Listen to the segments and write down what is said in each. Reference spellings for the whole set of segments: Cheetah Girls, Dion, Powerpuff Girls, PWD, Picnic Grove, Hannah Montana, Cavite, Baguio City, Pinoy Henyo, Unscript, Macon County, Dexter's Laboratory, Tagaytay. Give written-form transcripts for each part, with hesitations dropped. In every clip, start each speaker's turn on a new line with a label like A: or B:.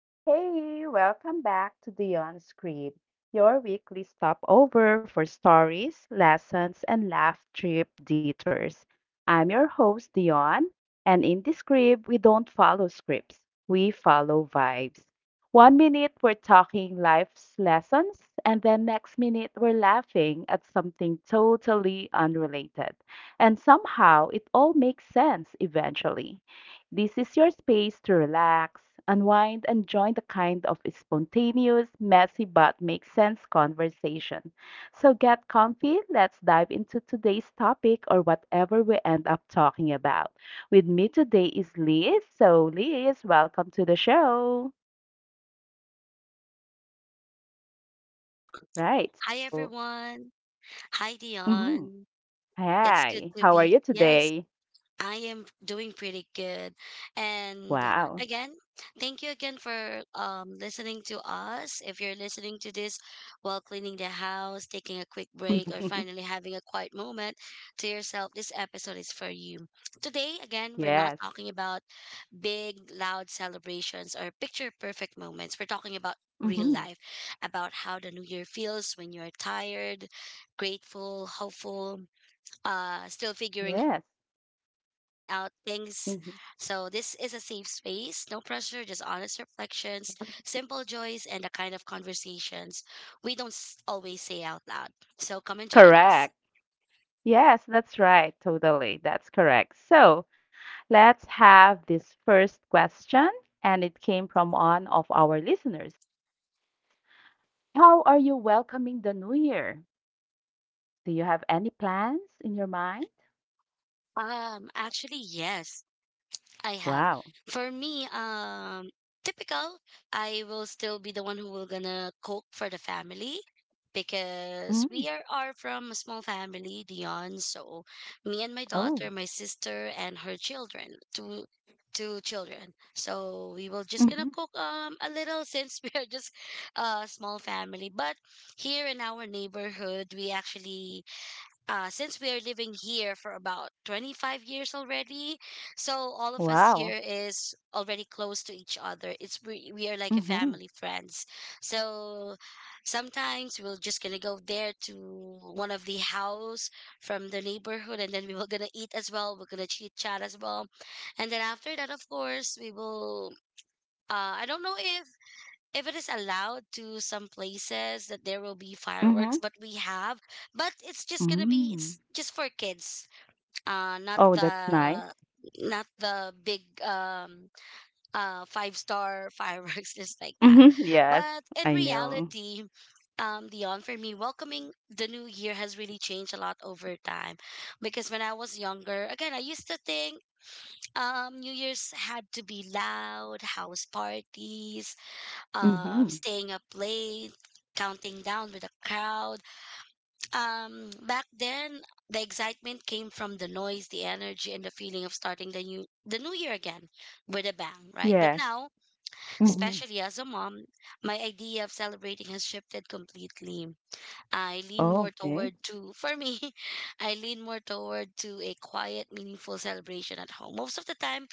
A: Hey, hey, welcome back to the Unscript, your weekly stopover for stories, lessons, and laugh trip detours. I'm your host, Dion, and in this script, we don't follow scripts, we follow vibes. One minute, we're talking life's lessons, and then next minute, we're laughing at something totally unrelated. And somehow, it all makes sense eventually. This is your space to relax, unwind, and join the kind of spontaneous, messy but makes sense conversation. So get comfy, let's dive into today's topic or whatever we end up talking about. With me today is Liz. So, Liz, welcome to the show. Right.
B: Hi
A: So,
B: everyone. Hi
A: mhm.
B: Dion. It's good
A: Hi,
B: to
A: how are
B: be
A: you
B: yeah, it's
A: today?
B: I am doing pretty good. And
A: Wow.
B: again, thank you again for listening to us. If you're listening to this while cleaning the house, taking a quick break, or finally having a quiet moment to yourself, this episode is for you. Today, again, we're not
A: Yes.
B: talking about big, loud celebrations or picture perfect moments. We're talking about real
A: Hmm.
B: life, about how the new year feels when you're tired, grateful, hopeful, still figuring
A: Yes.
B: out things. So, this is a safe
A: Hmm.
B: space, no pressure, just honest reflections, simple joys, and the kind of conversations we don't always say out loud. So, come and join us.
A: Correct. Yes, that's right. Totally. That's correct. So let's have this first question, and it came from one of our listeners. How are you welcoming the new year? Do you have any plans in your mind?
B: Actually, yes. I have.
A: Wow.
B: For me, typical, I will still be the one who will gonna cook for the family because
A: Mm.
B: we are from a small family, Dion. So me and my
A: Oh.
B: daughter, my sister, and her children, two children. So we will just
A: Hmm.
B: gonna cook a little, since we are just a small family. But here in our neighborhood, we actually, since we are living here for about 25 years already, so all of us
A: Wow.
B: here is already close to each other. It's we are like a
A: Mm-hmm.
B: family friends. So sometimes we're just gonna go there to one of the house from the neighborhood, and then we were gonna eat as well. We're gonna chit chat as well, and then after that, of course, we will. I don't know if it is allowed to some places that there will be
A: Mm-hmm.
B: fireworks, but we have, but
A: Mm.
B: it's just for kids, not
A: Oh, that's nice.
B: the big five-star fireworks, just like that.
A: Mm-hmm. Yes,
B: But in
A: I know.
B: reality, Dion, for me, welcoming the new year has really changed a lot over time, because when I was younger, again, I used to think New Year's had to be loud house parties,
A: Mm-hmm.
B: staying up late, counting down with the crowd. Back then, the excitement came from the noise, the energy, and the feeling of starting the new year again with a bang, right? But
A: Yes.
B: now,
A: Mm-hmm.
B: especially as a mom, my idea of celebrating has shifted completely. I lean more
A: Okay.
B: toward to for me, I lean more toward to a quiet, meaningful celebration at home. Most of the time,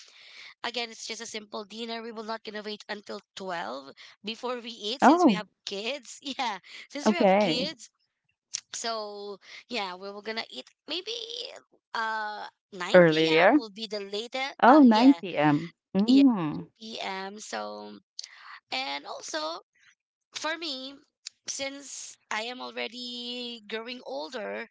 B: again, it's just a simple dinner. We will not gonna wait until 12 before we eat since we
A: Oh,
B: have kids. Yeah, since we have
A: okay.
B: kids. So, yeah, we were gonna eat maybe uh 9
A: Earlier.
B: p.m. will be the later
A: Oh,
B: yeah,
A: 9 PM.
B: yeah,
A: Mm.
B: p.m. So, and also for me, since I am already growing older,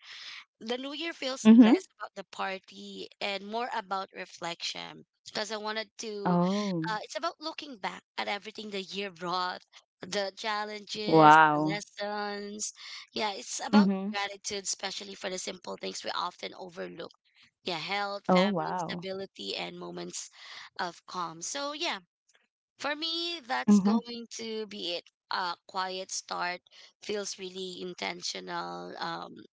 B: the new year feels
A: Mhm.
B: less about the party and more about reflection, because I wanted to,
A: Oh,
B: it's about looking back at everything the year brought, the challenges, the
A: wow.
B: lessons. Yeah, it's about
A: Mhm.
B: gratitude, especially for the simple things we often overlook. Yeah, health,
A: Oh,
B: family,
A: wow.
B: stability, and moments of calm. So, yeah, for me, that's
A: Mhm.
B: going to be it. Quiet start feels really intentional.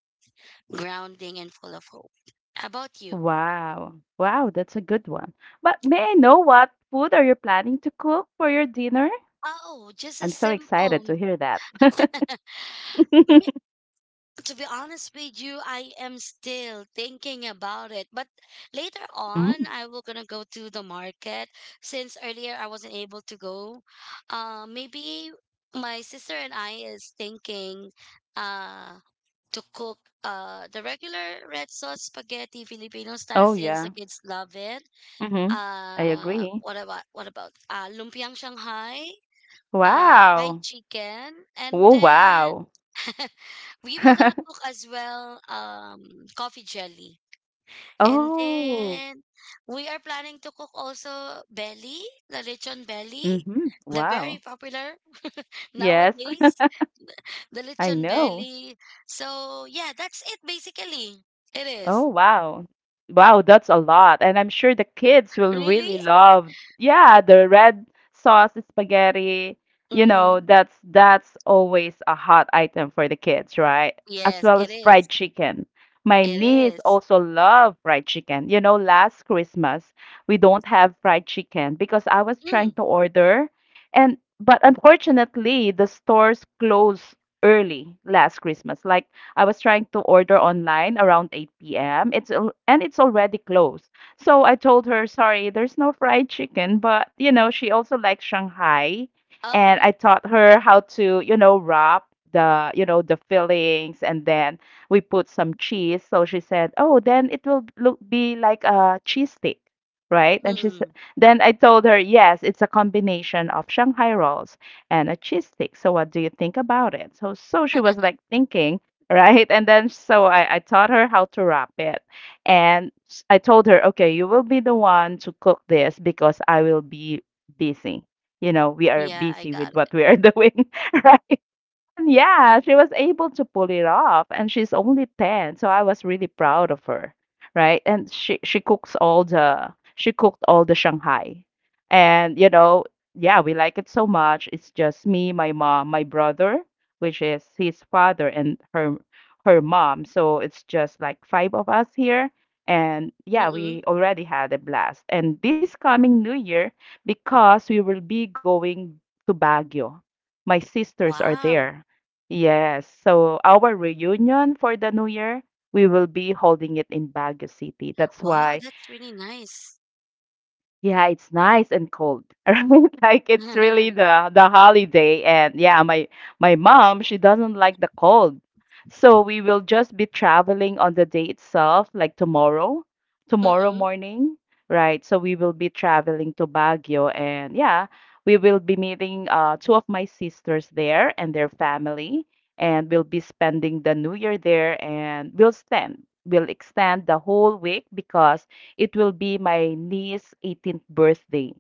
B: Grounding and full of hope. How about you?
A: Wow. Wow, that's a good one. But may I know what food are you planning to cook for your dinner?
B: Oh, just a
A: I'm so excited to
B: simple.
A: hear that.
B: Me- To be honest with you, I am still thinking about it. But later on,
A: Mm.
B: I will gonna go to the market, since earlier I wasn't able to go. Maybe my sister and I is thinking, uh, to cook the regular red sauce spaghetti Filipino style,
A: Oh,
B: since
A: yeah.
B: the kids love it.
A: Mhm. I agree.
B: What about lumpiang Shanghai, fried
A: Wow.
B: chicken, and
A: Oh,
B: then
A: wow.
B: we were gonna cook as well, coffee jelly. And
A: Oh.
B: then we are planning to cook also belly, the lechon belly,
A: Mhm.
B: the very
A: Wow.
B: popular
A: Yes,
B: nowadays, the
A: I
B: lechon
A: know.
B: belly. So yeah, that's it basically. It is.
A: Oh, wow. Wow, that's a lot. And I'm sure the kids will
B: Really?
A: really love, yeah, the red sauce spaghetti. You know,
B: Mm-mm.
A: that's always a hot item for the kids, right? As
B: Yes,
A: well
B: it
A: as fried
B: is.
A: chicken. My
B: It
A: niece
B: is.
A: also love fried chicken. You know, last Christmas we don't have fried chicken because I was trying
B: Mm.
A: to order and but unfortunately the stores closed early last Christmas, like I was trying to order online around 8 p.m. And it's already closed. So I told her, "Sorry, there's no fried chicken." But you know, she also likes Shanghai, and
B: Uh-uh.
A: I taught her how to, you know, wrap the, you know, the fillings, and then we put some cheese. So she said, "Oh, then it will look be like a cheese stick." Right? And she said,
B: Mm.
A: then I told her, yes, it's a combination of Shanghai rolls and a cheese stick. So what do you think about it? So she was like thinking right? And then so I taught her how to wrap it. I told her, okay, you will be the one to cook this because I will be busy. You know, we are
B: Yeah, I
A: busy
B: got
A: with
B: it.
A: what we are doing, yeah, she was able to pull it off, and she's only 10, so I was really proud of her, right? And she cooked all the Shanghai. And you know, yeah, we like it so much. It's just me, my mom, my brother, which is his father and her mom. So it's just like five of us here. And
B: Mm.
A: yeah, we already had a blast. And this coming New Year, because we will be going to Baguio, my sisters are
B: Wow.
A: there. Yes. So our reunion for the new year, we will be holding it in Baguio City. That's
B: Wow,
A: why
B: that's really nice.
A: yeah, it's nice and cold, right? Like it's really the holiday and yeah, my mom, she doesn't like the cold. So we will just be traveling on the day itself, like tomorrow, tomorrow
B: Mm-mm.
A: morning, right? So we will be traveling to Baguio and yeah, we will be meeting two of my sisters there and their family and we'll be spending the new year there and we'll extend the whole week because it will be my niece's 18th birthday.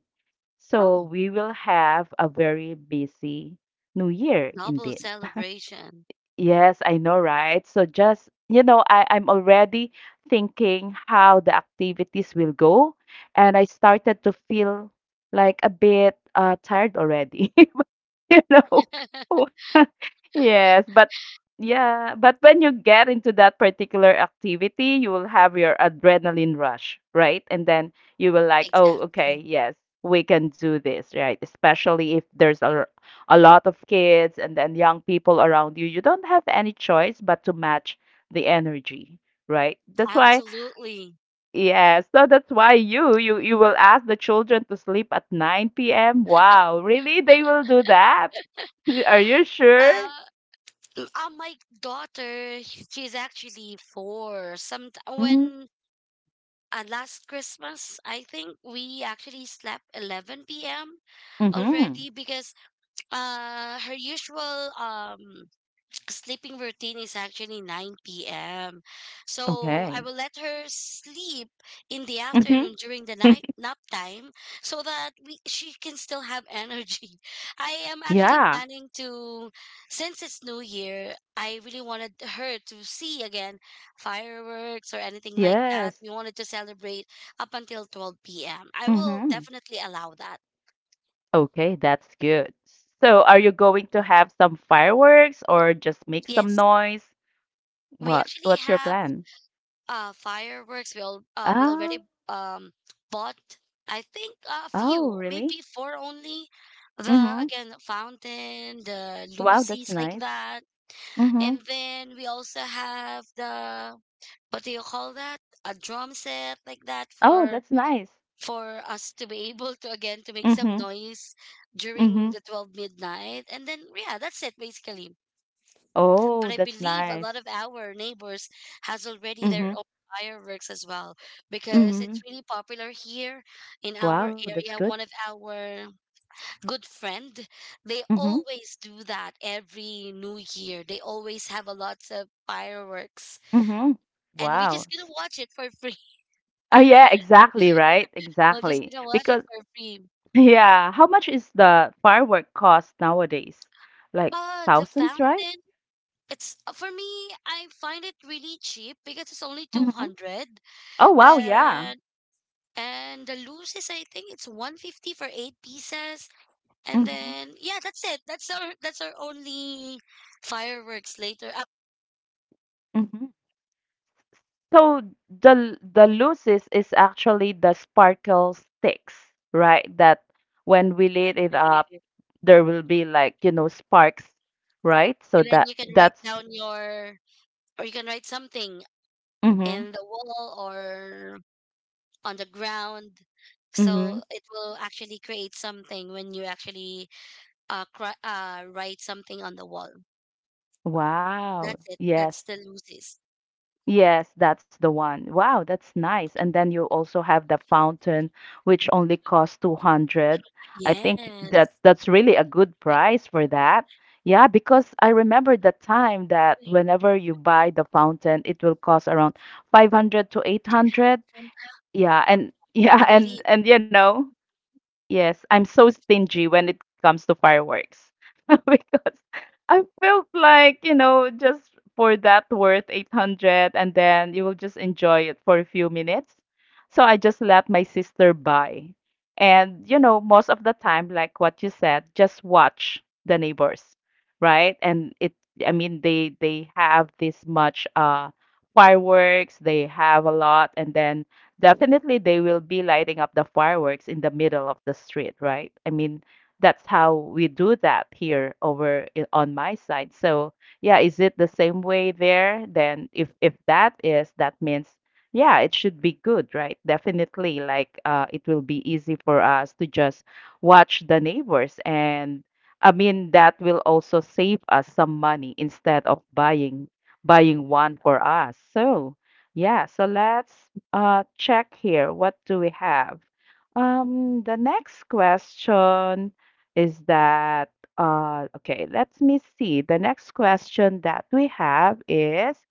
A: So
B: Oh,
A: we will have a very busy New Year
B: double
A: indeed.
B: celebration.
A: Yes, I know, right? So just, you know, I'm already thinking how the activities will go, and I started to feel like a bit tired already. You know? Yes, but yeah, but when you get into that particular activity, you will have your adrenaline rush, right? And then you will like, oh,
B: Exactly.
A: okay, yes, we can do this, right? Especially if there's a, a lot of kids and then young people around you, you don't have any choice but to match the energy, right? That's why
B: Absolutely.
A: yes, so that's why you will ask the children to sleep at 9 p.m. Wow, really? They will do that? Are you sure?
B: Uh, my daughter, she's actually four. Some
A: Mm-hmm.
B: when last Christmas, I think we actually slept 11 p.m. already, because her usual sleeping routine is actually 9 p.m. So I
A: Okay.
B: will let her sleep in the
A: Mm-hmm.
B: afternoon during the night nap time, so that we she can still have energy. I am actually
A: Yeah.
B: planning to, since it's New Year, I really wanted her to see again fireworks or anything like that.
A: Yes.
B: We wanted to celebrate up until 12 p.m. I will
A: Mm-hmm.
B: definitely allow that.
A: Okay, that's good. So, are you going to have some fireworks or just make some
B: Yes.
A: noise?
B: We
A: What
B: actually
A: What's your
B: have
A: plan?
B: fireworks. We already
A: Oh,
B: um bought, I think, a
A: oh,
B: few,
A: really?
B: maybe four only, the,
A: Mm-hmm.
B: again, the fountain, the
A: Wow,
B: lucy's,
A: that's
B: like
A: nice.
B: that.
A: Mm-hmm.
B: And then we also have the, what do you call that, a drum set, like that,
A: Oh,
B: for
A: that's nice.
B: us to be able to, again, to make some
A: Mm-hmm.
B: noise during
A: Mm-hmm.
B: the 12 midnight. And then yeah, that's it basically. But
A: Oh,
B: I
A: that's
B: believe a lot
A: nice.
B: of our neighbors has already their
A: Mhm,
B: own fireworks as well, because it's
A: mhm.
B: really popular here in
A: Wow,
B: our
A: that's good.
B: area. One of our good friend, they
A: Mhm,
B: always do that every new year. They always have a lots of fireworks.
A: mhm.
B: And we
A: Wow.
B: just gonna
A: S
B: watch it for free.
A: Oh, yeah, exactly, right?
B: We're just
A: Exactly.
B: gonna watch it
A: Because
B: for free.
A: yeah, how much is the firework cost nowadays? Like
B: The
A: thousands, right?
B: fountain. It's For me, I find it really cheap because it's only two
A: Mhm.
B: hundred.
A: Oh, wow, yeah.
B: Uh, and the loose is, I think it's 150 for eight pieces. And
A: Mhm,
B: then yeah, that's it. That's our that's our only fireworks later up.
A: mhm. So the luces is actually the sparkle sticks, right? That when we lit it up, there will be like, you know, sparks, right? So
B: And then
A: that
B: you can write
A: that's
B: down your, or you can write something
A: Mhm,
B: in the wall or on the ground. So
A: mhm.
B: it will actually create something when you actually write something on the wall.
A: Wow.
B: That's it.
A: Yes.
B: That's the looses.
A: Yes, that's the one. Wow, that's nice. And then you also have the fountain, which only costs 200. I think
B: Yes,
A: that's really a good price for that. Yeah, because I remember the time that whenever you buy the fountain, it will cost around 500 to 800. Yeah, and
B: I
A: yeah,
B: believe.
A: and you know. Yes, I'm so stingy when it comes to fireworks because I felt like, you know, just for that worth 800 and then you will just enjoy it for a few minutes. So I just let my sister buy. And, you know, most of the time, like what you said, just watch the neighbors, right? And it, I mean, they have this much fireworks, they have a lot, and then definitely they will be lighting up the fireworks in the middle of the street, right? I mean, that's how we do that here over on my side. So, yeah, is it the same way there? Then if that is, that means yeah, it should be good, right? Definitely like it will be easy for us to just watch the neighbors and I mean that will also save us some money instead of buying one for us. So, yeah, so let's check here. What do we have? The next question is that, okay, let me see. The next question that we have is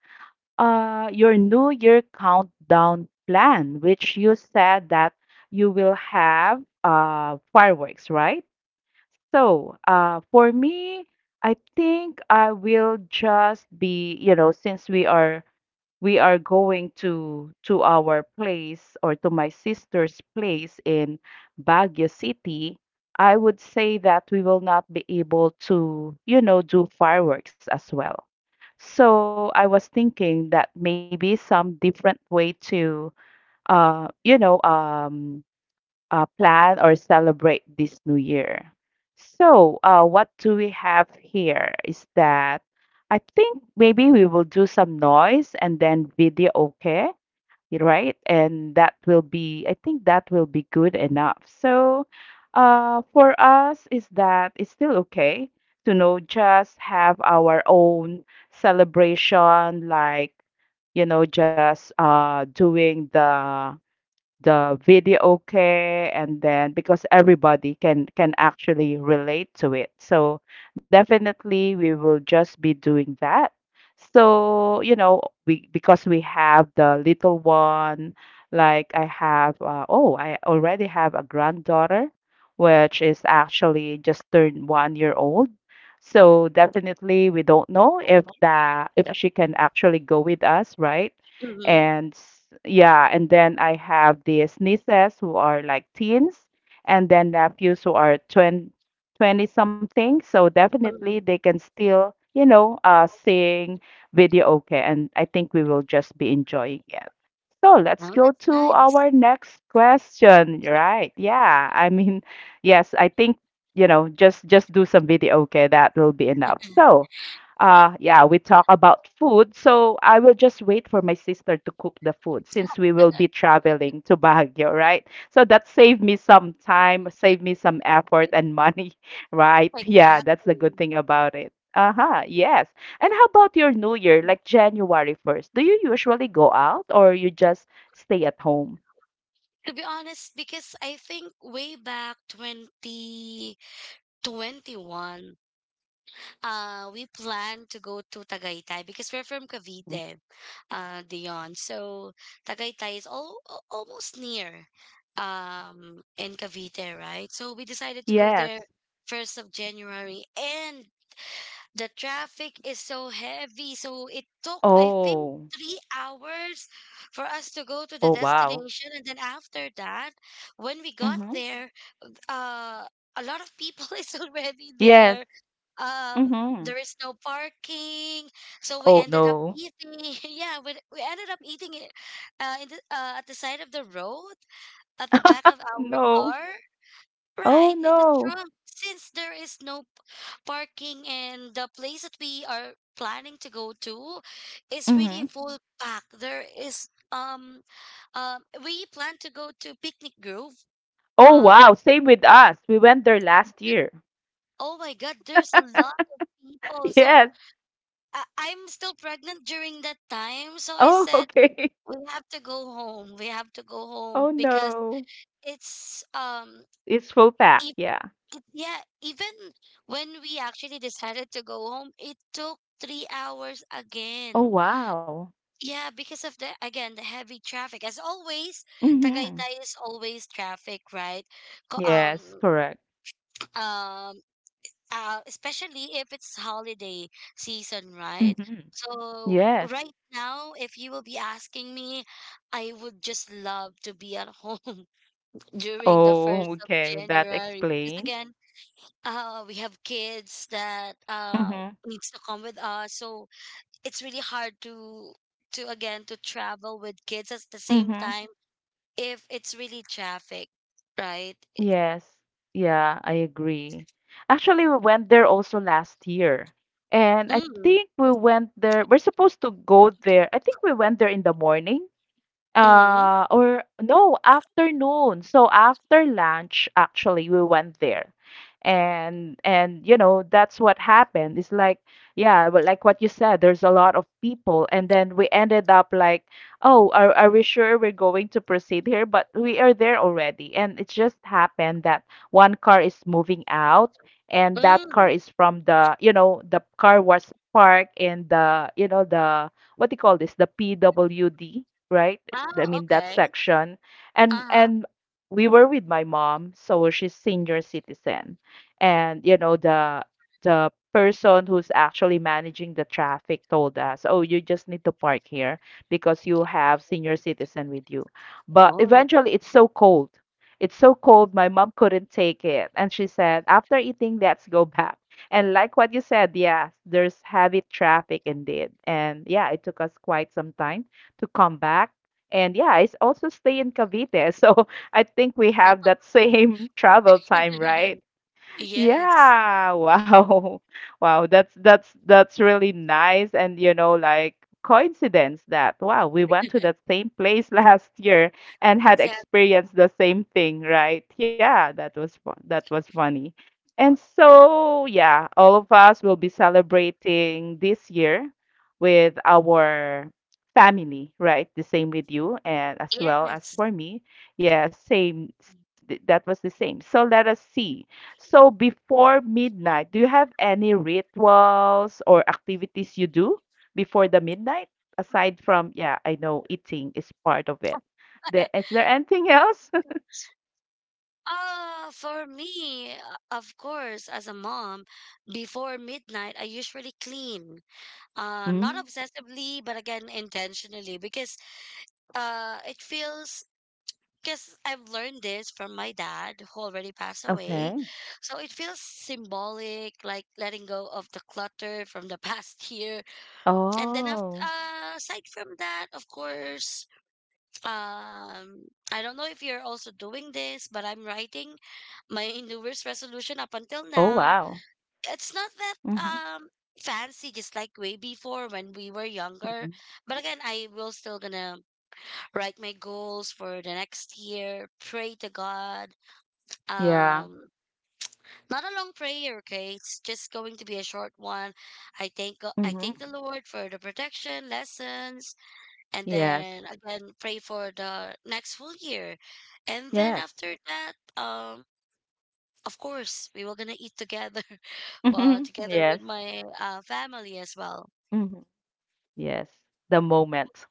A: your New Year countdown plan, which you said that you will have fireworks, right? So, for me, I think I will just be, you know, since we are going to our place or to my sister's place in Baguio City, I would say that we will not be able to, you know, do fireworks as well. So I was thinking that maybe some different way to, you know, plan or celebrate this new year. So, what do we have here is that I think maybe we will do some noise and then video, okay? You're Right? And that will be, I think that will be good enough. So, for us, is that it's still okay to know just have our own celebration, like, you know, just doing the video, videoke and then because everybody can actually relate to it so definitely we will just be doing that so you know we because we have the little one like I have oh I already have a granddaughter which is actually just turned one year old so definitely we don't know if the if she can actually go with us right
B: Mm-hmm.
A: and yeah and then I have these nieces who are like teens and then nephews who are 20 20 something so definitely they can still you know sing video okay and I think we will just be enjoying it so let's
B: Oh, that's
A: go to
B: nice.
A: our next question right yeah I mean yes I think you know just do some video okay that will be enough so yeah we talk about food so I will just wait for my sister to cook the food since we will be traveling to Baguio right so that saved me some time saved me some effort and money right yeah that's the good
B: Exactly.
A: thing about it uh-huh yes and how about your new year like January 1st do you usually go out or you just stay at home.
B: To be honest, because I think way back 2021, we planned to go to Tagaytay because we're from
A: Mm.
B: Cavite, Dion. So Tagaytay is almost near, in Cavite, right? So we decided to go there
A: Yes.
B: first of January, and the traffic is so heavy, so it took, I think,
A: Oh.
B: 3 hours for us to go to the
A: Oh wow.
B: destination. And then after that, when we got
A: Mm-hmm.
B: there, uh, a lot of people is already
A: Yes.
B: there.
A: Mm-hmm.
B: There is no parking, so we
A: Oh
B: ended up
A: no.
B: eating. Yeah, we ended up eating it in the, at the side of the road, at the back of
A: Oh,
B: our
A: no.
B: car.
A: Oh
B: Right, in the
A: no.
B: trunk, since there is no parking, and the place that we are planning to go to is really
A: Mm-hmm.
B: full pack. There is we plan to go to Picnic Grove.
A: Oh wow,
B: Um
A: same with us. We went there last year.
B: oh my God, there's a lot of people. So
A: Yes.
B: I'm still pregnant during that time, so I
A: Oh,
B: said
A: okay.
B: we have to go home. We have to go
A: Oh
B: home because
A: no.
B: it's
A: It's full pack.
B: if
A: Yeah.
B: yeah, even when we actually decided to go home, it took 3 hours
A: Oh
B: again.
A: wow.
B: Yeah, because of the, again, the heavy traffic. As always,
A: Mm-hmm.
B: Tagaytay is always traffic, right? Co-
A: Yes,
B: Um,
A: correct.
B: um, especially if it's holiday season, right?
A: Mm-hmm.
B: So
A: Yes.
B: right now, if you will be asking me, I would just love to be at home during the first
A: Oh,
B: of
A: okay. That
B: January, because
A: explain.
B: again, we have kids that
A: Mm-hmm.
B: needs to come with us, so it's really hard to again to travel with kids at the same
A: Mm-hmm.
B: time if it's really traffic, right?
A: Yes. Yeah, I agree. Actually, we went there also last year. And I
B: Mm,
A: think we went there, we're supposed to go there. I think we went there in the morning.
B: mm,
A: Or no, afternoon. So after lunch, actually, we went there. That's what happened. It's like, yeah, but like what you said, there's a lot of people. And then we ended up like, oh, are we sure we're going to proceed here? But we are there already. And it just happened that one car is moving out, and that car
B: mm.
A: is from the car was parked in the what do you call this? The PWD, right? I
B: Oh,
A: mean that
B: okay.
A: section. And
B: Uh-huh.
A: and we were with my mom, so she's senior citizen. And you know the person who's actually managing the traffic told us, "Oh, you just need to park here because you have senior citizen with you." But
B: Oh, that's.
A: eventually it's so cold. It's so cold my mom couldn't take it and she said, "After eating, let's go back." And like what you said, yes, there's heavy traffic indeed. And yeah, it took us quite some time to come back. And yeah, also stay in Cavite. So I think we have that same travel time, right?
B: Yes,
A: Yeah, wow. Wow, that's really nice and you know like coincidence that wow, we went to that same place last year and had
B: exactly.
A: experienced the same thing, right? Yeah, that was fun. That was funny. And so, yeah, all of us will be celebrating this year with our family, right? The same with you and as well as
B: Yes.
A: for me. Yeah, same. That was the same. So let us see. So before midnight, do you have any rituals or activities you do before the midnight? Aside from, yeah, I know eating is part of it. Is there anything else?
B: For me, of course, as a mom, before midnight, I usually clean. Not
A: Mm,
B: obsessively, but again intentionally, because it feels, because I've learned this from my dad who already passed away.
A: okay.
B: So it feels symbolic, like letting go of the clutter from the past year. And then after,
A: Oh.
B: aside from that, of course, I don't know if you're also doing this, but I'm writing my New Year's resolution. Up until
A: Oh,
B: now
A: wow.
B: it's not that
A: Hmm.
B: um fancy, just like way before when we were younger,
A: Hmm.
B: but again I will still gonna write my goals for the next year, pray to God,
A: Yeah.
B: um not a long prayer, okay, it's just going to be a short one. I I
A: Hmm.
B: thank the Lord for the protection, lessons, and
A: Yes.
B: then again pray for the next full year. And then
A: Yes.
B: after that, of course, we were gonna eat together, together with
A: Yes.
B: my family as well.
A: Yes, the moment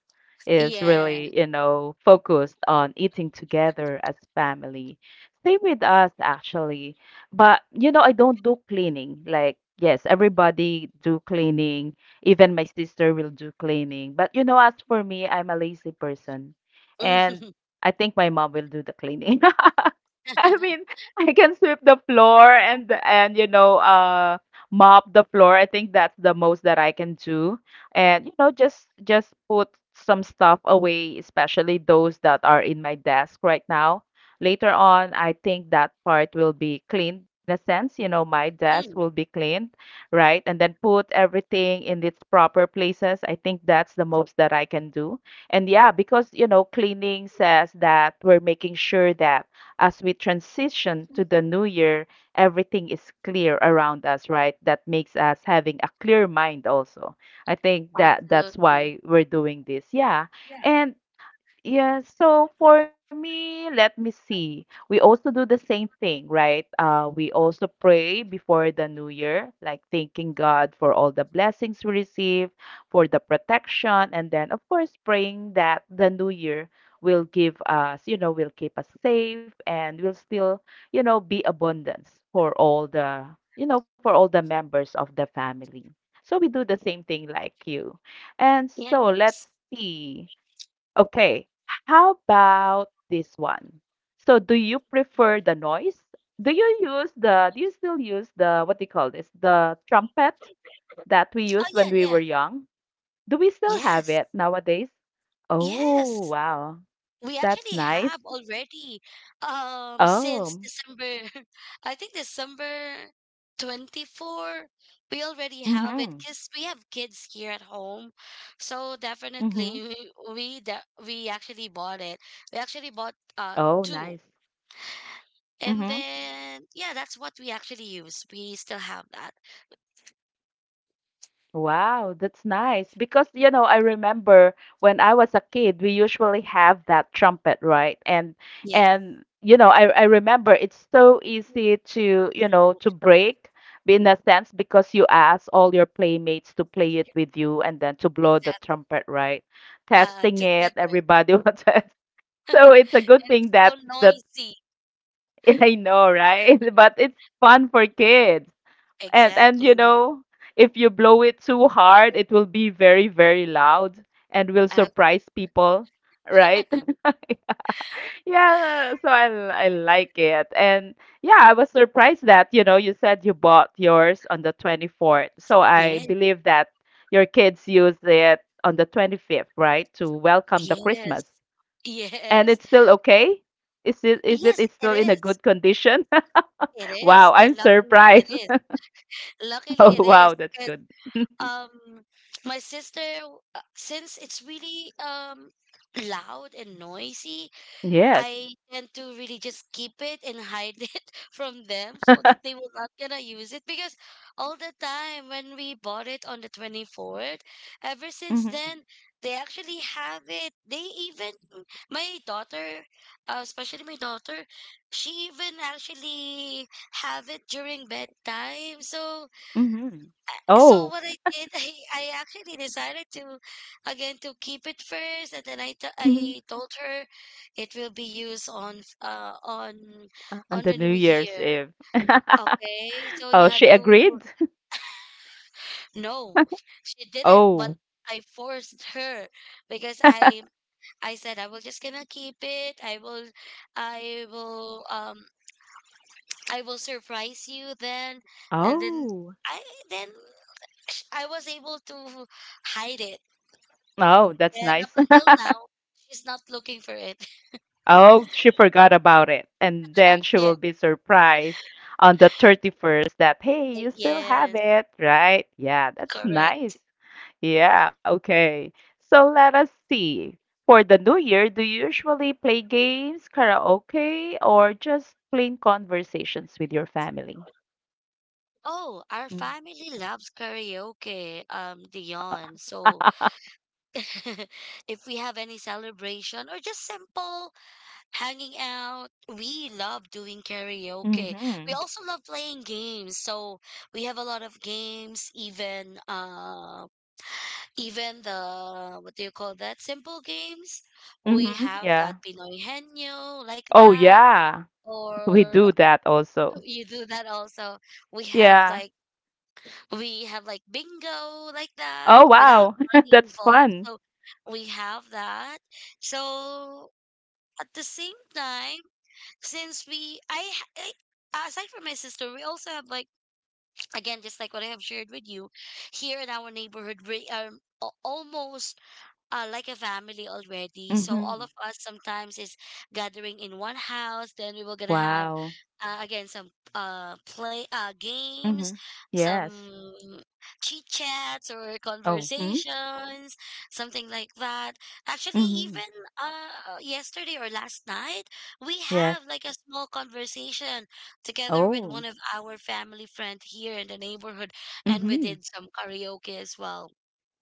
A: is
B: Yeah.
A: really, you know, focused on eating together as family. Same with us, actually. But, you know, I don't do cleaning. Like, yes, everybody do cleaning. Even my sister will do cleaning. But, you know, as for me, I'm a lazy person. And I think my mom will do the cleaning. I mean, I can sweep the floor and mop the floor. I think that's the most that I can do. And you know, just put some stuff away, especially those that are in my desk right now. Later on, I think that part will be cleaned in a sense. You know, my desk
B: Mm,
A: will be cleaned, right? And then put everything in its proper places. I think that's the most that I can do. And yeah, because you know, cleaning says that we're making sure that as we transition to the new year, everything is clear around us, right? That makes us having a clear mind also. I think that's
B: absolutely.
A: why we're doing this. Yeah.
B: Yeah.
A: And yeah, so for me, let me see. We also do the same thing, right? We also pray before the new year, like thanking God for all the blessings we receive, for the protection, and then, of course, praying that the new year will give us, you know, will keep us safe and will still, you know, be abundance for all the, you know, for all the members of the family. So we do the same thing like you. And so let's
B: Yes.
A: see. Okay, how about this one? So, do you prefer the noise? Do you use the, do you still use the, what do you call this, the trumpet that we
B: Oh
A: used when
B: yeah,
A: we
B: yeah.
A: were young? Do we still have
B: Yes.
A: it nowadays? Oh,
B: Yes.
A: wow.
B: We
A: That's
B: actually
A: nice.
B: have already, since
A: Oh,
B: December, I think December 24, we already have it
A: mm-hmm.
B: because we have kids here at home. So
A: Mm-hmm.
B: definitely we we, de we actually bought it. We actually bought
A: Oh, nice.
B: two. And
A: Mm-hmm.
B: then yeah, that's what we actually use. We still have that.
A: Wow, that's nice. Because, you know, I remember when I was a kid, we usually have that trumpet, right? And
B: Yes.
A: and you know, I remember it's so easy to, you know,
B: Mhm.
A: to break in a sense because you ask all your playmates to play it with you and then to blow the
B: Exact
A: trumpet, right?
B: Uh,
A: Testing it,
B: together.
A: everybody will test. So it's a good
B: And
A: thing
B: it's so
A: that
B: noisy.
A: I know, right? But it's fun for kids and and you
B: Exactly.
A: know if you blow it too hard it will be very loud and will
B: Uh,
A: surprise people, right. Yeah, so I like it and yeah, I was surprised that you know you said you bought yours on the 24th, so I
B: yes,
A: believe that your kids used it on the 25th, right, to welcome the
B: yes.
A: Christmas. And
B: Yes.
A: it's still okay. Is it
B: Yes,
A: it's
B: it
A: still in a
B: is.
A: good condition?
B: It is.
A: Wow, I'm
B: And luckily it
A: surprised.
B: is. Luckily
A: Oh
B: it is.
A: wow, that's
B: Because
A: good.
B: um my sister, since it's really loud and noisy,
A: Yes.
B: I tend to really just keep it and hide it from them, so that they will not gonna use it, because all the time when we bought it on the 24th, ever since
A: Mhm,
B: then they actually have it. They even, my daughter, especially my daughter, she even actually have it during bedtime. So,
A: mhm.
B: so
A: Oh,
B: what I did, I actually decided to, again, to keep it first, and then
A: mhm,
B: I told her it will be used on
A: on
B: on
A: the
B: the
A: New
B: new
A: Year's
B: year.
A: Eve.
B: Okay, so you
A: Oh,
B: have
A: she
B: to.
A: agreed?
B: No, she didn't. But
A: Oh.
B: I forced her, because I said I will just gonna keep it. I will um I will surprise you then, and then
A: Oh.
B: I then I was able to hide it.
A: Oh, that's
B: And up
A: nice.
B: until now, she's not looking for it.
A: Oh, she forgot about it. And then she
B: Yeah,
A: will be surprised on the 31st that, hey, you still have
B: yes,
A: it, right? Yeah, that's
B: correct.
A: nice. Yeah, okay. So let us see. For the new year, do you usually play games, karaoke, or just plain conversations with your family?
B: Oh, our
A: Hmm.
B: family loves karaoke, Dion. So if we have any celebration or just simple hanging out, we love doing karaoke. We
A: Mhm.
B: also love playing games. So we have a lot of games, even even the what do you call that, simple games. We
A: Mhm,
B: have
A: yeah.
B: that Pinoy Henyo, like
A: Oh,
B: that.
A: yeah. We
B: Or
A: do that also.
B: you do that also. We have
A: Yeah.
B: like we have like bingo, like that,
A: Oh,
B: without
A: wow.
B: money
A: That's
B: involved.
A: fun.
B: So we have that. So at the same time, since I aside from my sister, we also have like, again, just like what I have shared with you, here in our neighborhood, we are almost, like a family already. So all of
A: Mhm.
B: us sometimes is gathering in one house. Then we were gonna have
A: Wow.
B: again some play games,
A: Mhm. Yes.
B: some chit chats or
A: Oh. Mm.
B: conversations, something like that. Actually,
A: Mhm.
B: even yesterday or last night, we have
A: Yes.
B: like a small conversation together with
A: Oh.
B: one of our family friend here in the neighborhood, and we
A: Mhm.
B: did some karaoke as well.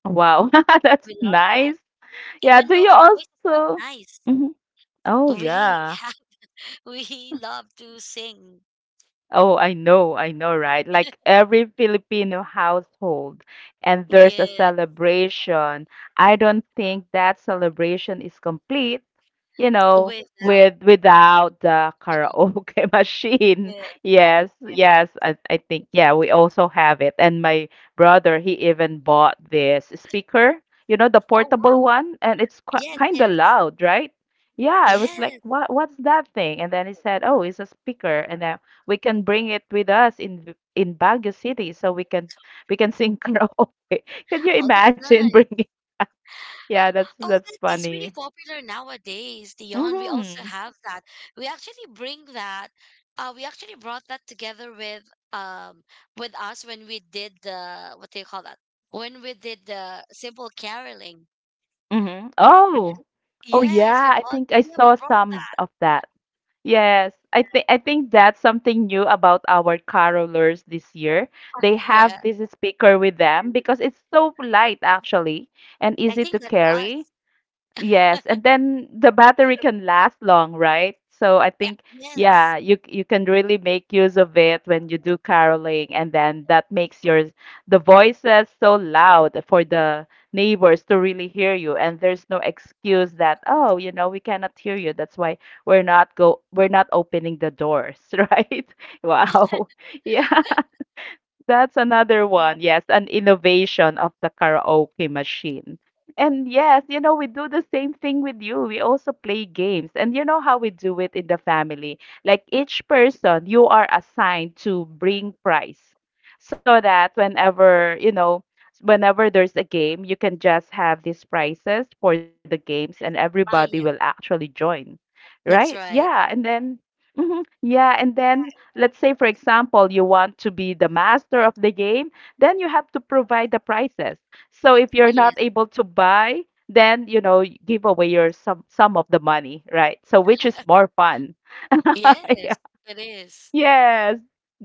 A: Wow. That's
B: We love that,
A: nice. Yeah,
B: even
A: do
B: though
A: you
B: our voice is not
A: also
B: nice.
A: Mhm. Oh, yeah.
B: We have we love to sing.
A: Oh, I know, right? Like every Filipino household, and there's a
B: Yes
A: celebration. I don't think that celebration is complete, you know,
B: with
A: without the karaoke machine.
B: Yeah.
A: Yes, I think yeah, we also have it. And my brother, he even bought this speaker, you know, the
B: Oh wow.
A: portable one, and it's qu
B: Yes,
A: kind of
B: yes.
A: loud, right? Yeah, I was like,
B: Yes.
A: what's that thing? And then he said, oh, it's a speaker, and then we can bring it with us in Baguio City, so we can sing karaoke. Can you
B: Oh, that's
A: imagine
B: nice.
A: bringing Yeah, that's
B: Oh,
A: that's
B: that is really
A: funny.
B: popular nowadays, Dion. We also
A: Mm-hmm.
B: have that. We actually bring that, we actually brought that together um with us when we did the, what do you call that, when we did the simple caroling.
A: Mm-hmm. Oh, oh
B: Yes, we
A: yeah. I
B: bought,
A: think I
B: yeah, we
A: saw
B: brought
A: some
B: that.
A: of that. Yes, I think that's something new about our carolers this year. They have
B: Yeah,
A: this speaker with them because it's so light actually and
B: I
A: easy to
B: think that's
A: carry.
B: us.
A: Yes, and then the battery can last long, right? So I think,
B: Yes.
A: yeah, you can really make use of it when you do caroling, and then that makes your the voices so loud for the neighbors to really hear you, and there's no excuse that, oh, you know, we cannot hear you. That's why we're not opening the doors, right? Wow. Yeah. That's another one. Yes, an innovation of the karaoke machine. And yes, you know, we do the same thing with you. We also play games. And you know how we do it in the family. Like each person, you are assigned to bring prize so that whenever, you know, whenever there's a game, you can just have these prizes for the games and everybody
B: Oh,
A: will
B: yeah.
A: actually join. Right?
B: That's right.
A: Yeah. And then, Mhm, yeah. And then let's say for example you want to be the master of the game, then you have to provide the prizes. So if
B: Oh,
A: you're not
B: yes.
A: able to buy, then you know give away your some of the money, right, so which is more fun.
B: Yes, it is.
A: Yes.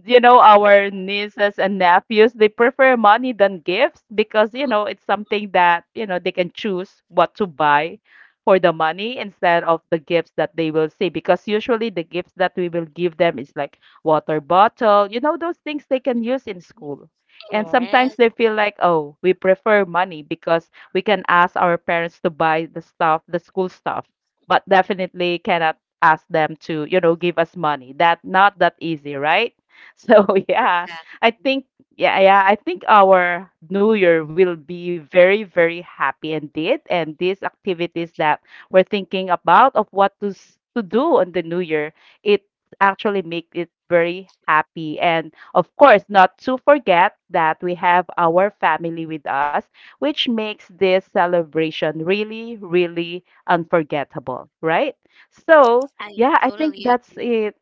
A: You know, our nieces and nephews, they prefer money than gifts because, you know, it's something that, you know, they can choose what to buy for the money instead of the gifts that they will see. Because usually the gifts that we will give them is like water bottle, you know, those things they can use in school. And
B: Yes,
A: sometimes they feel like, oh, we prefer money because we can ask our parents to buy the stuff, the school stuff, but definitely cannot ask them to, you know, give us money. That not that easy, right? So yeah, I
B: exactly.
A: think yeah, I think our new year will be very happy indeed. And these activities that we're thinking about of what to do on the new year, it actually make it very happy. And of course, not to forget that we have our family with us, which makes this celebration really unforgettable, right? So
B: I
A: yeah, I think
B: totally
A: that's
B: agree.
A: it.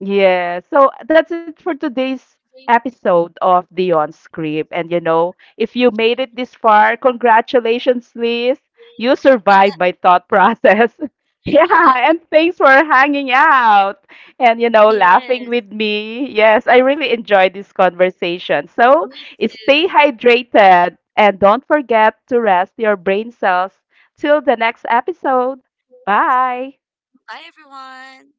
A: Yeah. So that's it for today's
B: Thank
A: episode of the On Script. And you know, if you made it this far, congratulations, Liz. You
B: you.
A: survived my thought process. Yeah, and thanks for hanging out and you know, laughing
B: Yes.
A: with me. Yes, I really enjoyed this conversation. So
B: Me
A: stay
B: too.
A: hydrated and don't forget to rest your brain cells till the next episode. Bye.
B: Bye, everyone.